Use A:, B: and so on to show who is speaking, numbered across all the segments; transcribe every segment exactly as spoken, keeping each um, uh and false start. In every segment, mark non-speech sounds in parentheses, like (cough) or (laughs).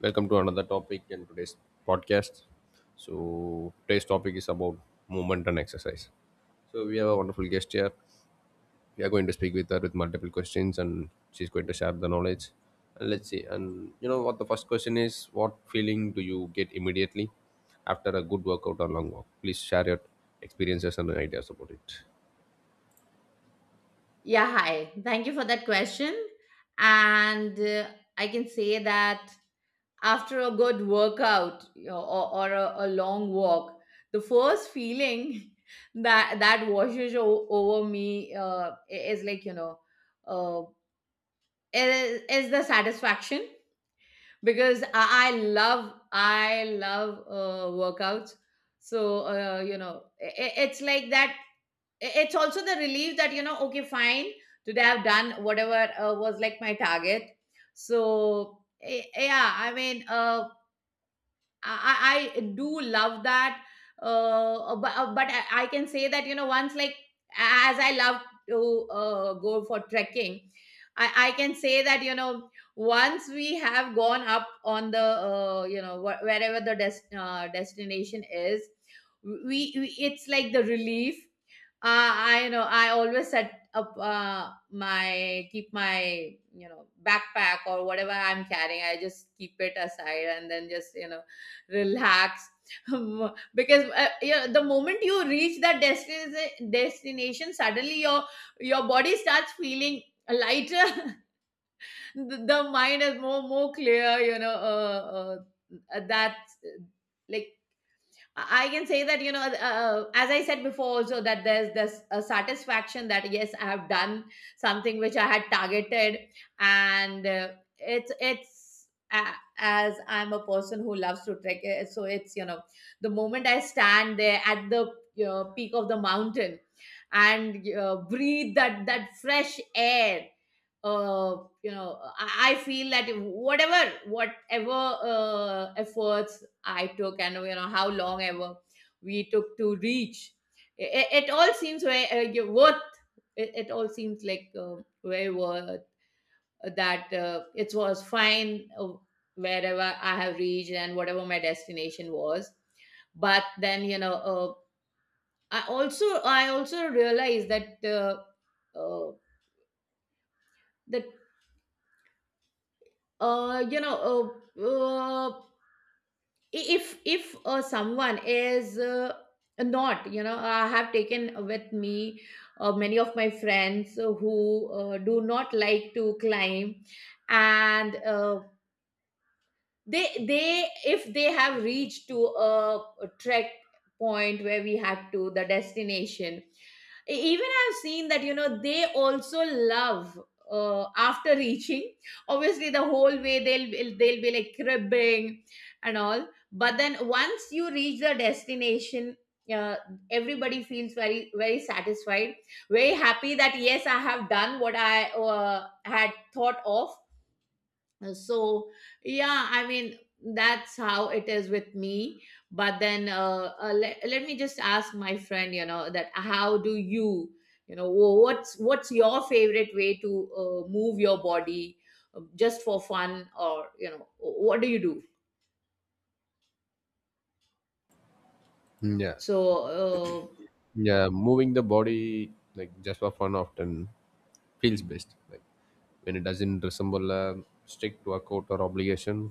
A: Welcome to another topic in today's podcast. So, today's topic is about movement and exercise. So, we have a wonderful guest here. We are going to speak with her with multiple questions, and she's going to share the knowledge. And let's see. And you know what? The first question is, what feeling do you get immediately after a good workout or long walk? Please share your experiences and ideas about it.
B: Yeah, hi. Thank you for that question. And uh, I can say that after a good workout, you know, or, or a, a long walk, the first feeling (laughs) that that washes o- over me, uh, i- is like, you know, uh, is, is the satisfaction, because I, I love, I love uh, workouts. So, uh, you know, i i- it's like that. I- it's also the relief that, you know, okay, fine, today I've done whatever uh, was like my target. So eh, yeah, i mean uh, I, I I do love that. Uh, but, uh, but I, I can say that, you know, once, like, as I love to uh, go for trekking, I, I can say that, you know, once we have gone up on the, uh, you know wh- wherever the des- uh, destination is, we, we it's like the relief. uh, I know I always set up, uh, my, keep my, you know, backpack or whatever I'm carrying, I just keep it aside and then just, you know, relax (laughs) because, uh, you know, the moment you reach that destination, destination, suddenly your your body starts feeling lighter. (laughs) the, the mind is more more clear. You know uh, uh, that's uh, like I can say that, you know, uh, uh, as I said before, also, that there's this a satisfaction that yes, I have done something which I had targeted. And uh, it's it's uh, As I'm a person who loves to trek, uh, so it's, you know, the moment I stand there at the, you know, peak of the mountain and uh, breathe that that fresh air, uh, you know I, I feel that whatever whatever uh, efforts I took, and, you know, how long ever we took to reach it, it all seems very uh, you- worth it, it all seems like uh, very worth, that, uh, it was fine, uh, wherever I have reached and whatever my destination was. But then, you know uh, i also I also realized that, uh, uh, the uh you know uh, uh, I- if if uh, someone is, uh, not, you know, I have taken with me uh, many of my friends who uh, do not like to climb, and, uh, they they, if they have reached to a, a trek point where we have to, the destination, E- even I've seen that, you know, they also love, uh, after (laughs) reaching, obviously the whole way they'll they'll be like cribbing and all, but then once you reach the destination, uh, everybody feels very very satisfied, very happy that yes, I have done what I uh, had thought of. Uh, so yeah, I mean, that's how it is with me. But then, uh, uh let, let me just ask my friend, you know, that how do you, you know, wh- what's what's your favorite way to uh, move your body, uh, just for fun, or, you know, what do you do?
A: Yeah.
B: so uh,
A: Yeah. Moving the body, like just for fun, often feels best. Like, when it doesn't resemble a strict workout or obligation,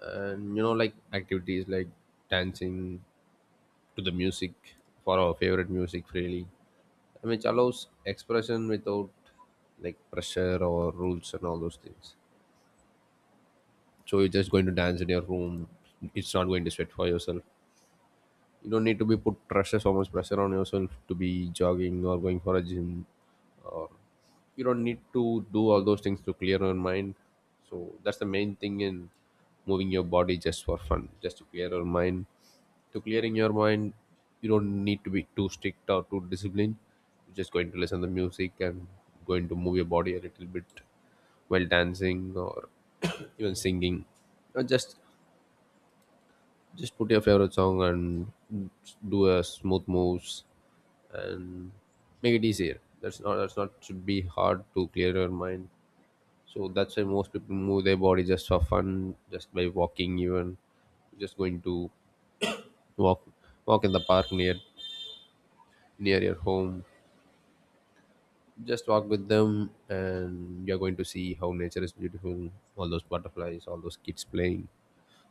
A: and you know, like activities like dancing to the music, for our favorite music freely, and which allows expression without like pressure or rules and all those things. So you're just going to dance in your room, it's not going to sweat for yourself. You don't need to be put pressure, so much pressure on yourself to be jogging or going for a gym. You don't need to do all those things to clear your mind. So that's the main thing in moving your body just for fun, just to clear your mind. To clearing your mind, you don't need to be too strict or too disciplined. You're just going to listen to music and going to move your body a little bit, while dancing or (coughs) even singing, or just just put your favorite song and do a smooth moves, and make it easier. That's not that's not should be hard to clear your mind. So that's why most people move their body just for fun, just by walking. Even just going to walk walk in the park near near your home. Just walk with them, and you're going to see how nature is beautiful. All those butterflies, all those kids playing.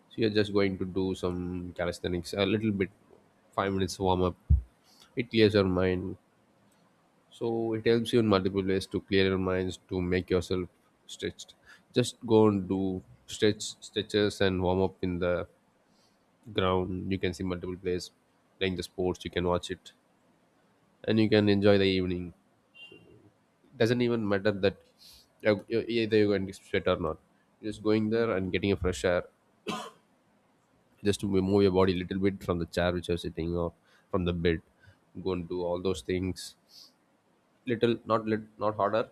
A: So you're just going to do some calisthenics, a little bit, five minutes warm up. It clears your mind. So it helps you in multiple ways to clear your minds, to make yourself stretched. Just go and do stretch stretches and warm up in the ground. You can see multiple players playing the sports, you can watch it, and you can enjoy the evening. Doesn't even matter that you- you- either you're going to sweat or not. You're just going there and getting a fresh air, just to move your body a little bit from the chair which you're sitting, or from the bed. Go and do all those things, little not lit, not harder,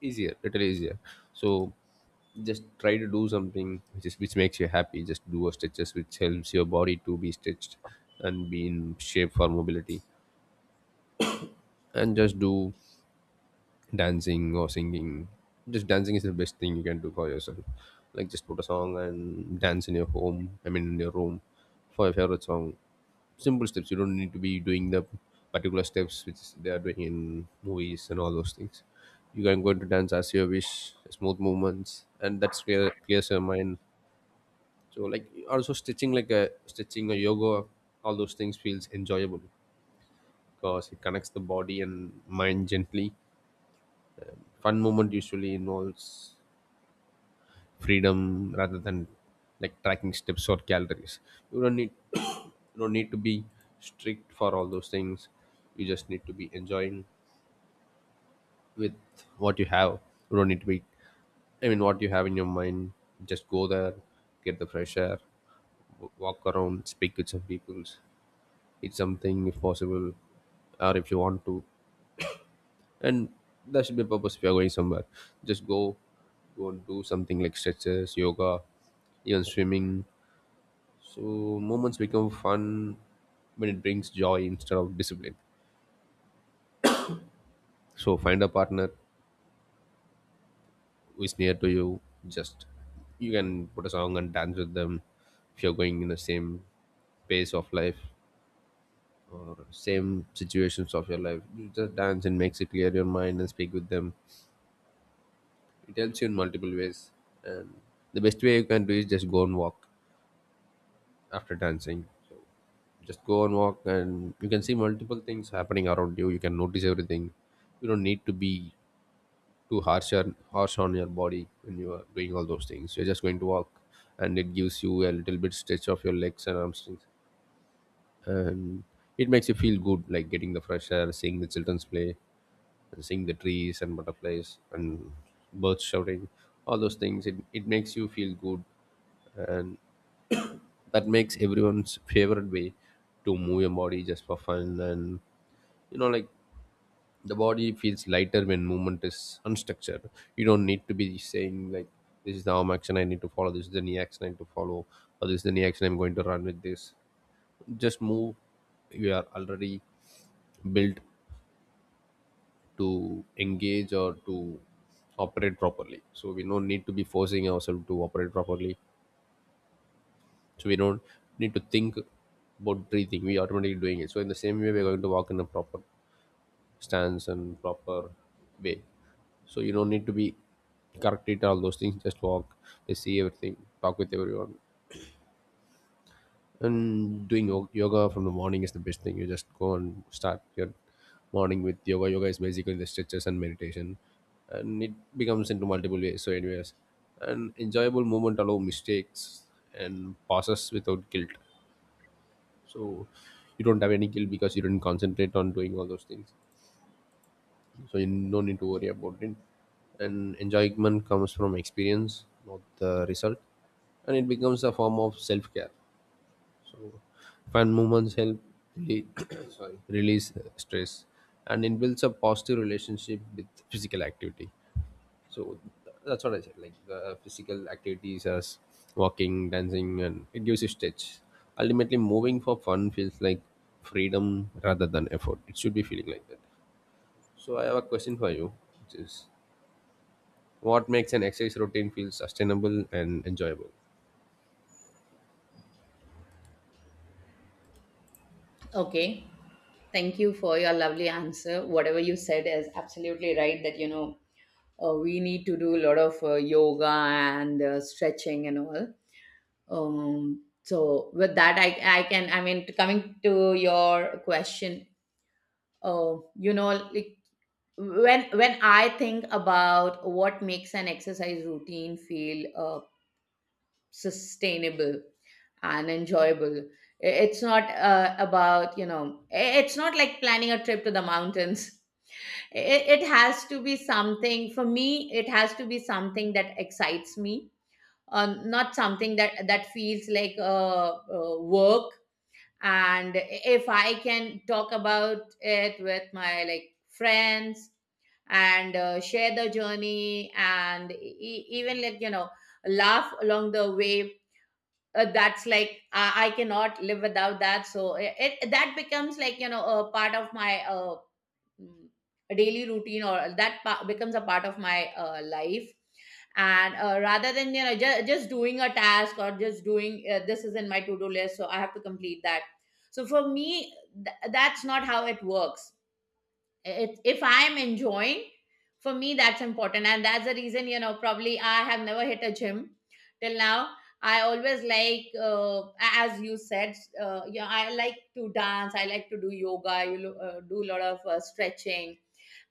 A: easier, little easier. So just try to do something which is which makes you happy. Just do a stretches which helps your body to be stretched and be in shape for mobility, and just do dancing or singing. Just dancing is the best thing you can do for yourself. Like, just put a song and dance in your home, I mean, in your room, for your favorite song. Simple steps, you don't need to be doing the particular steps which they are doing in movies and all those things. You can go into dance as you wish, smooth movements, and that's clear clears your mind. So like also stitching, like a stitching or yoga, all those things feels enjoyable, because it connects the body and mind gently. Fun moment usually involves freedom rather than like tracking steps or calories. You don't need (coughs) you don't need to be strict for all those things, you just need to be enjoying with what you have. You don't need to be, I mean, what you have in your mind, just go there, get the fresh air, w- walk around, speak with some people, eat something if possible, or if you want to. And that should be a purpose. If you're going somewhere, just go, go and do something like stretches, yoga, even swimming. So moments become fun when it brings joy instead of discipline. So find a partner who is near to you. Just, you can put a song and dance with them. If you're going in the same pace of life, or same situations of your life, you just dance and makes it clear your mind and speak with them. It helps you in multiple ways. And the best way you can do is just go and walk after dancing. Just go and walk and you can see multiple things happening around you. You can notice everything. You don't need to be too harsh on harsh on your body when you are doing all those things. You're just going to walk, and it gives you a little bit stretch of your legs and hamstrings, and it makes you feel good, like getting the fresh air, seeing the childrens play, and seeing the trees and butterflies and birds shouting, all those things. It it makes you feel good, and that makes everyone's favorite way to move your body just for fun. And you know, like, the body feels lighter when movement is unstructured. You don't need to be saying like, this is the arm action I need to follow, this is the knee action I need to follow, or this is the knee action I'm going to run with. This just move, you are already built to engage or to operate properly. So we don't need to be forcing ourselves to operate properly, so we don't need to think about breathing, we automatically doing it. So in the same way we're going to walk in a proper stance and proper way. So you don't need to be correct corrected all those things. Just walk, just see everything, talk with everyone. And doing yo- yoga from the morning is the best thing. You just go and start your morning with yoga. Yoga is basically the stretches and meditation, and it becomes into multiple ways. So anyways, an enjoyable moment allow mistakes and passes without guilt. So you don't have any guilt because you didn't concentrate on doing all those things, so you no need to worry about it. And enjoyment comes from experience, not the result, and it becomes a form of self-care. So fun moments help release, (coughs) sorry, release stress, and it builds a positive relationship with physical activity. So th- that's what I said, like the physical activities as walking, dancing, and it gives you stretch. Ultimately moving for fun feels like freedom rather than effort. It should be feeling like that. So I have a question for you, which is, what makes an exercise routine feel sustainable and enjoyable?
B: okay, thank you for your lovely answer. Whatever you said is absolutely right, that, you know, uh, we need to do a lot of uh, yoga and uh, stretching and all. Um so with that, I I can, I mean, coming to your question, oh, you know, like, when when I think about what makes an exercise routine feel uh, sustainable and enjoyable, i- it's not uh, about, you know, i- it's not like planning a trip to the mountains. (laughs) it, it has to be something, for me it has to be something that excites me, uh, not something that that feels like uh, uh, work. And if I can talk about it with my, like, friends, and uh, share the journey, and e- e- even, like, you know, laugh along the way, uh, that's like, I, I cannot live without that. So it, it that becomes, like, you know, a part of my, uh, mm, daily routine, or that pa- becomes a part of my uh, life, and, uh, rather than, you know, ju- just doing a task, or just doing, uh, this is in my to-do list, so I have to complete that. So for me, th- that's not how it works. It, if I'm enjoying, for me that's important. And that's the reason, you know, probably I have never hit a gym till now. I always like, uh, as you said, uh, you know, I like to dance, I like to do yoga, you lo- uh, do a lot of uh, stretching.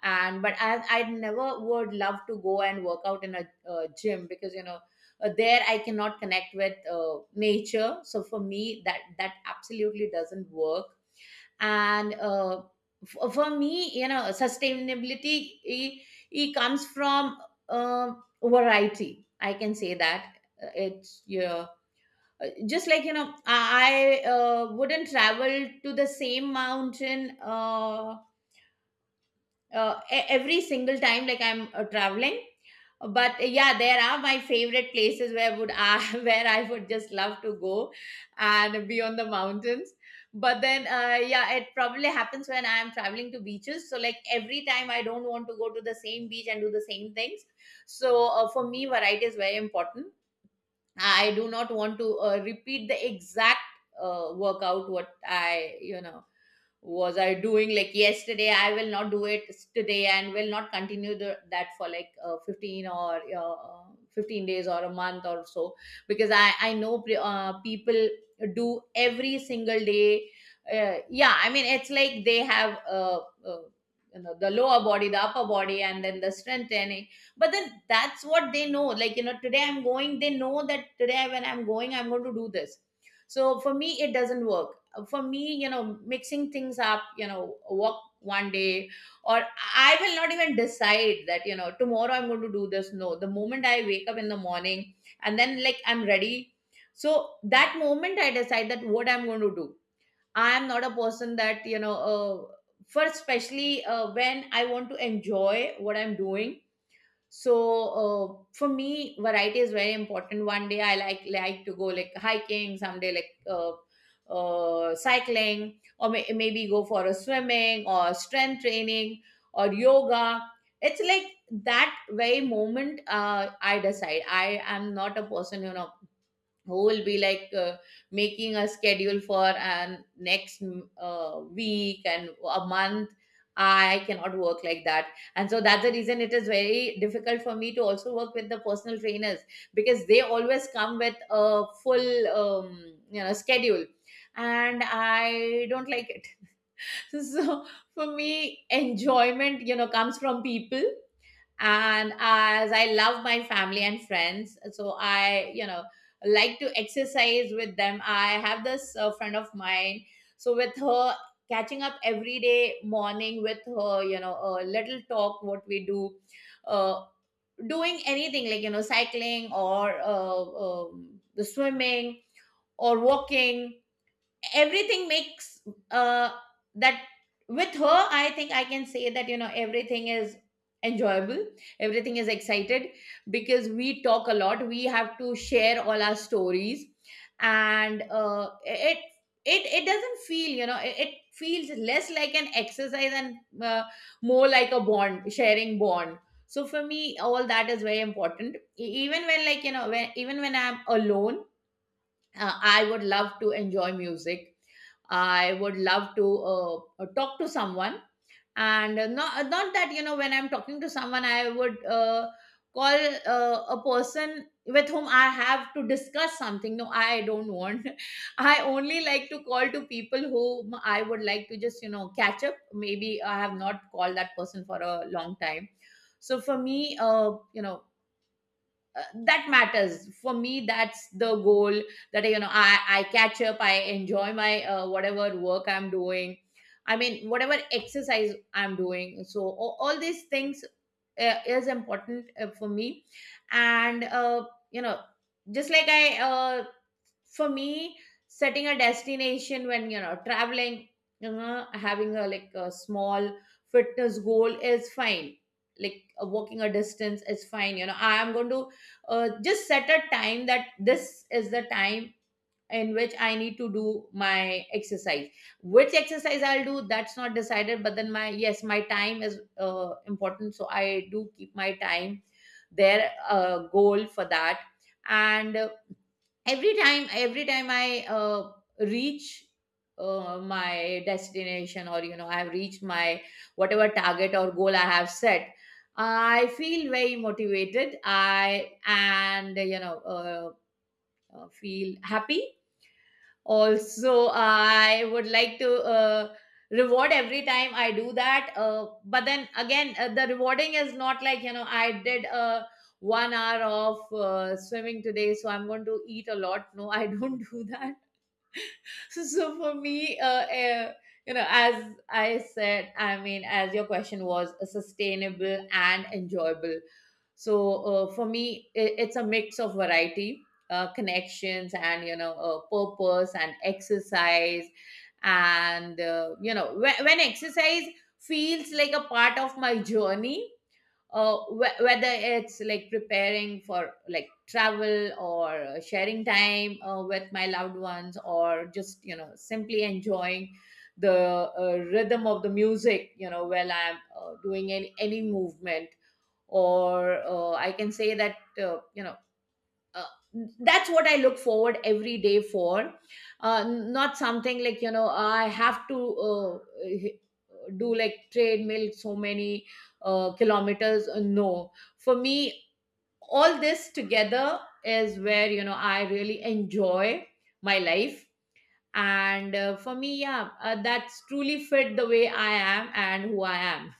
B: And but I, I never would love to go and work out in a uh, gym, because, you know, uh, there I cannot connect with uh, nature. So for me that that absolutely doesn't work. And, uh, f- for me, you know, sustainability, it, it comes from uh, variety, I can say that. Uh, it's Yeah. Uh, just like, you know, i I, uh, wouldn't travel to the same mountain, uh, uh, e- every single time, like, I'm uh, traveling. But, uh, yeah, there are my favorite places where would I (laughs) where I would just love to go and be on the mountains. But then, uh, yeah, it probably happens when I'm traveling to beaches. So, like, every time I don't want to go to the same beach and do the same things. So, uh, for me variety is very important. I do not want to uh, repeat the exact uh, workout what I, you know, was I doing, like, yesterday I will not do it today, and will not continue the, that for like uh, fifteen or uh, uh, fifteen days or a month or so, because i i know, pre- uh, people do every single day. Uh, yeah, I mean, it's like they have, uh, uh, you know, the lower body, the upper body, and then the strength training. But then that's what they know, like, you know, today I'm going, they know that today when I'm going, I'm going to do this. So for me it doesn't work. For me, you know, mixing things up, you know, walk one day, or, I will not even decide that, you know, tomorrow I'm going to do this. No, the moment I wake up in the morning and then, like, I'm ready, so that moment I decide that what I'm going to do. I am not a person that, you know, uh, for, especially uh, when I want to enjoy what I'm doing. So, uh, for me variety is very important. One day I like like to go, like, hiking, someday, like, uh, uh, cycling, or may- maybe go for a swimming, or strength training, or yoga. It's like that very moment, uh, I decide. I am not a person, you know, who will be like, uh, making a schedule for an next, mm, uh, week and a month. I cannot work like that. And so that's the reason it is very difficult for me to also work with the personal trainers, because they always come with a full, um, you know, schedule, and I don't like it. (laughs) So, for me, enjoyment, you know, comes from people, and as I love my family and friends, so I, you know, like to exercise with them. I have this uh, friend of mine. So with her, catching up every day morning with her, you know, a little talk, what we do, uh, doing anything, like, you know, cycling or, uh, um, the swimming, or walking, everything makes, uh, that, with her I think I can say that, you know, everything is enjoyable, everything is excited, because we talk a lot, we have to share all our stories. And, uh, it it it doesn't feel, you know, it, it feels less like an exercise, and, uh, more like a bond, sharing bond. So for me all that is very important. E- even when, like, you know, when even when I'm alone, uh, I would love to enjoy music, I would love to uh, uh, talk to someone. And, uh, not, uh, not that, you know, when I'm talking to someone, I would uh, call uh, a person with whom I have to discuss something. No, I don't want. (laughs) I only like to call to people whom I would like to just, you know, catch up, maybe I have not called that person for a long time. So for me, uh, you know, uh, that matters for me, that's the goal, that, you know, i i catch up, I enjoy my, uh, whatever work I'm doing, I mean, whatever exercise I'm doing. So all, all these things uh, is important uh, for me. And, uh, you know, just like I, uh, for me, setting a destination when, you know, traveling, you know, having a, like, a small fitness goal is fine, like, uh, walking a distance is fine, you know, I am going to uh, just set a time that this is the time in which I need to do my exercise. Which exercise I'll do, that's not decided. But then my, yes, my time is uh, important, so I do keep my time there, uh, goal for that. And, uh, every time every time I uh, reach uh, my destination, or, you know, I've reached my whatever target or goal I have set, I feel very motivated, I and, you know, uh, uh, feel happy. Also, I would like to uh, reward every time I do that. Uh, but then again, uh, the rewarding is not like, you know, I did uh, one hour of uh, swimming today, so I'm going to eat a lot. No, I don't (laughs) do that. (laughs) so, so for me, uh, uh, you know, as I said, I mean, as your question was, uh, sustainable and enjoyable, so, uh, for me, i- it's a mix of variety, uh, connections, and, you know, uh, purpose and exercise. And, uh, you know when, when exercise feels like a part of my journey, uh, wh- whether it's like preparing for, like, travel, or uh, sharing time uh, with my loved ones, or just, you know, simply enjoying the uh, rhythm of the music, you know, while I'm uh, doing any, any movement, or, uh, I can say that, uh, you know uh, that's what I look forward every day for, uh, not something like, you know, I have to uh, do, like, treadmill so many uh, kilometers. Uh, no. For me all this together is where, you know, I really enjoy my life. And, uh, for me, yeah, uh, that's truly fit the way I am and who I am.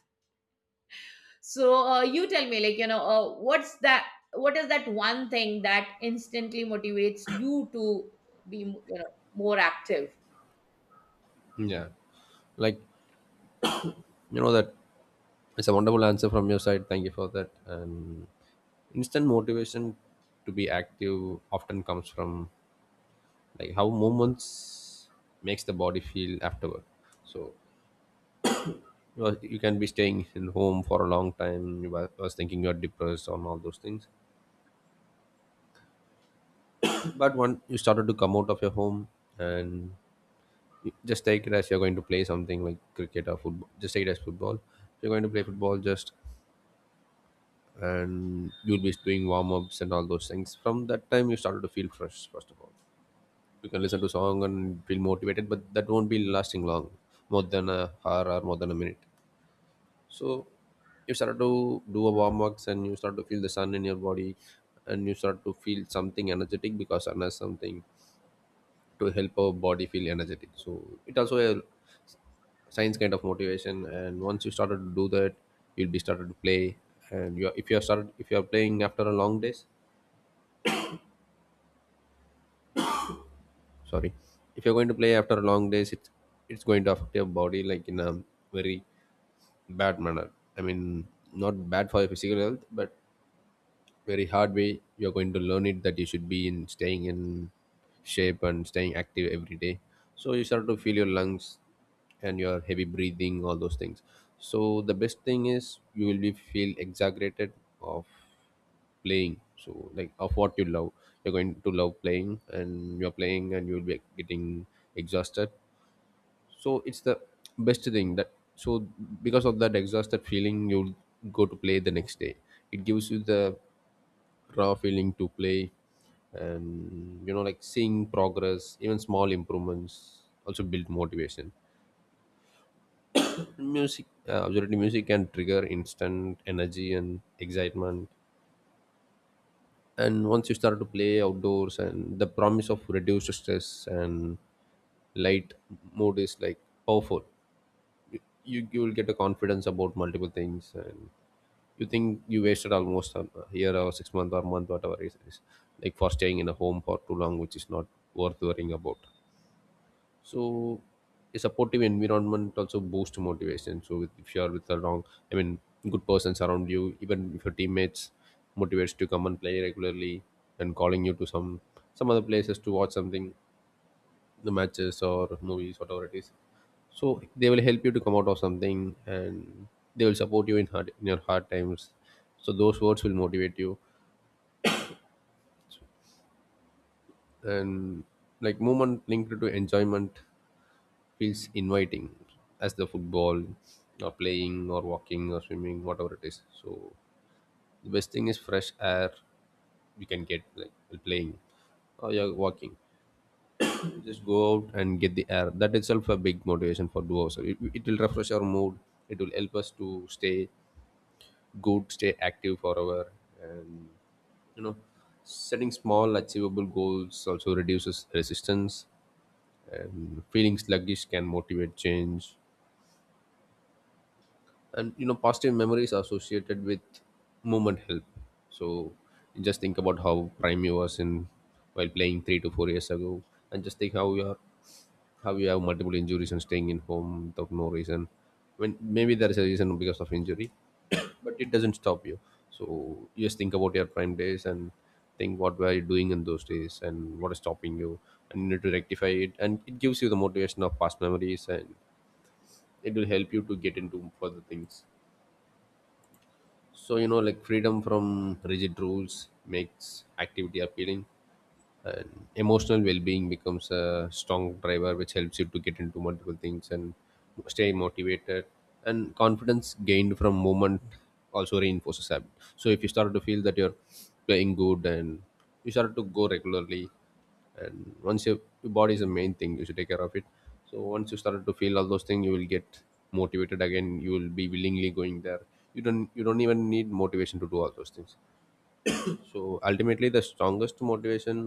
B: So, uh, you tell me, like, you know, uh, what's that? What is that one thing that instantly motivates you to be, you know, more active?
A: Yeah, like, you know that it's a wonderful answer from your side, thank you for that. And instant motivation to be active often comes from like how movements makes the body feel afterward. So you know, you can be staying in home for a long time, you wa- was thinking you're depressed on all those things, but when you started to come out of your home and just take it as you're going to play something like cricket or football, just take it as football, you're going to play football. Just, and you'll be doing warm-ups and all those things. From that time you started to feel fresh, first of all, you can listen to song and feel motivated, but that won't be lasting long, more than a hour or more than a minute. So you start to do a warm-ups, and you start to feel the sun in your body, and you start to feel something energetic, because sun has something to help our body feel energetic. So it also science kind of motivation. And once you started to do that, you'll be started to play. And you are, if you are started, if you are playing after a long days, sorry, if you're going to play after a long days, it's it's going to affect your body like in a very bad manner. I mean, not bad for your physical health, but very hard way you're going to learn it, that you should be in staying in shape and staying active every day. So you start to feel your lungs and your heavy breathing, all those things. So the best thing is you will be feel exaggerated of playing, so like, of what you love. You're going to love playing, and you're playing, and you'll be getting exhausted. So it's the best thing that. So because of that exhausted feeling, you'll go to play the next day. It gives you the raw feeling to play. And you know, like, seeing progress, even small improvements also build motivation. Music, uh, absolutely, music can trigger instant energy and excitement. And once you start to play outdoors, and the promise of reduced stress and light mood is like powerful. You, you will get a confidence about multiple things, and you think you wasted almost a year or six month or month, whatever it is, like for staying in a home for too long, which is not worth worrying about. So a supportive environment also boosts motivation. So with, if you're with the wrong, I mean, good persons around you, even if your teammates motivates to come and play regularly, and calling you to some some other places to watch something, the matches or movies, whatever it is. So they will help you to come out of something, and they will support you in hard in your hard times. So those words will motivate you. And like movement linked to enjoyment feels inviting, as the football, or playing, or walking, or swimming, whatever it is. So the best thing is fresh air you can get, like while playing, or you're walking. Just go out and get the air, that itself a big motivation for do. Also it, it will refresh our mood, it will help us to stay good, stay active forever. And you know, setting small achievable goals also reduces resistance, and feeling sluggish can motivate change. And you know, positive memories associated with movement help. So just think about how prime you was in while playing three to four years ago, and just think how you are, how you have multiple injuries and staying in home without no reason. I mean, maybe there is a reason because of injury, (coughs) but it doesn't stop you. So you just think about your prime days and think what were you doing in those days and what is stopping you, and you need to rectify it. And it gives you the motivation of past memories, and it will help you to get into further things. So you know, like freedom from rigid rules makes activity appealing, and emotional well-being becomes a strong driver, which helps you to get into multiple things and stay motivated. And confidence gained from movement also reinforces habit. So if you start to feel that you're playing good, and you start to go regularly, and once your, your body is the main thing you should take care of it. So once you started to feel all those things, you will get motivated again, you will be willingly going there. You don't you don't even need motivation to do all those things. So ultimately the strongest motivation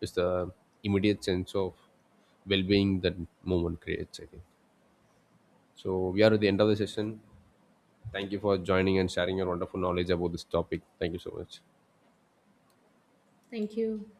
A: is the immediate sense of well-being that moment creates, I think. So we are at the end of the session. Thank you for joining and sharing your wonderful knowledge about this topic. Thank you so much.
B: Thank you.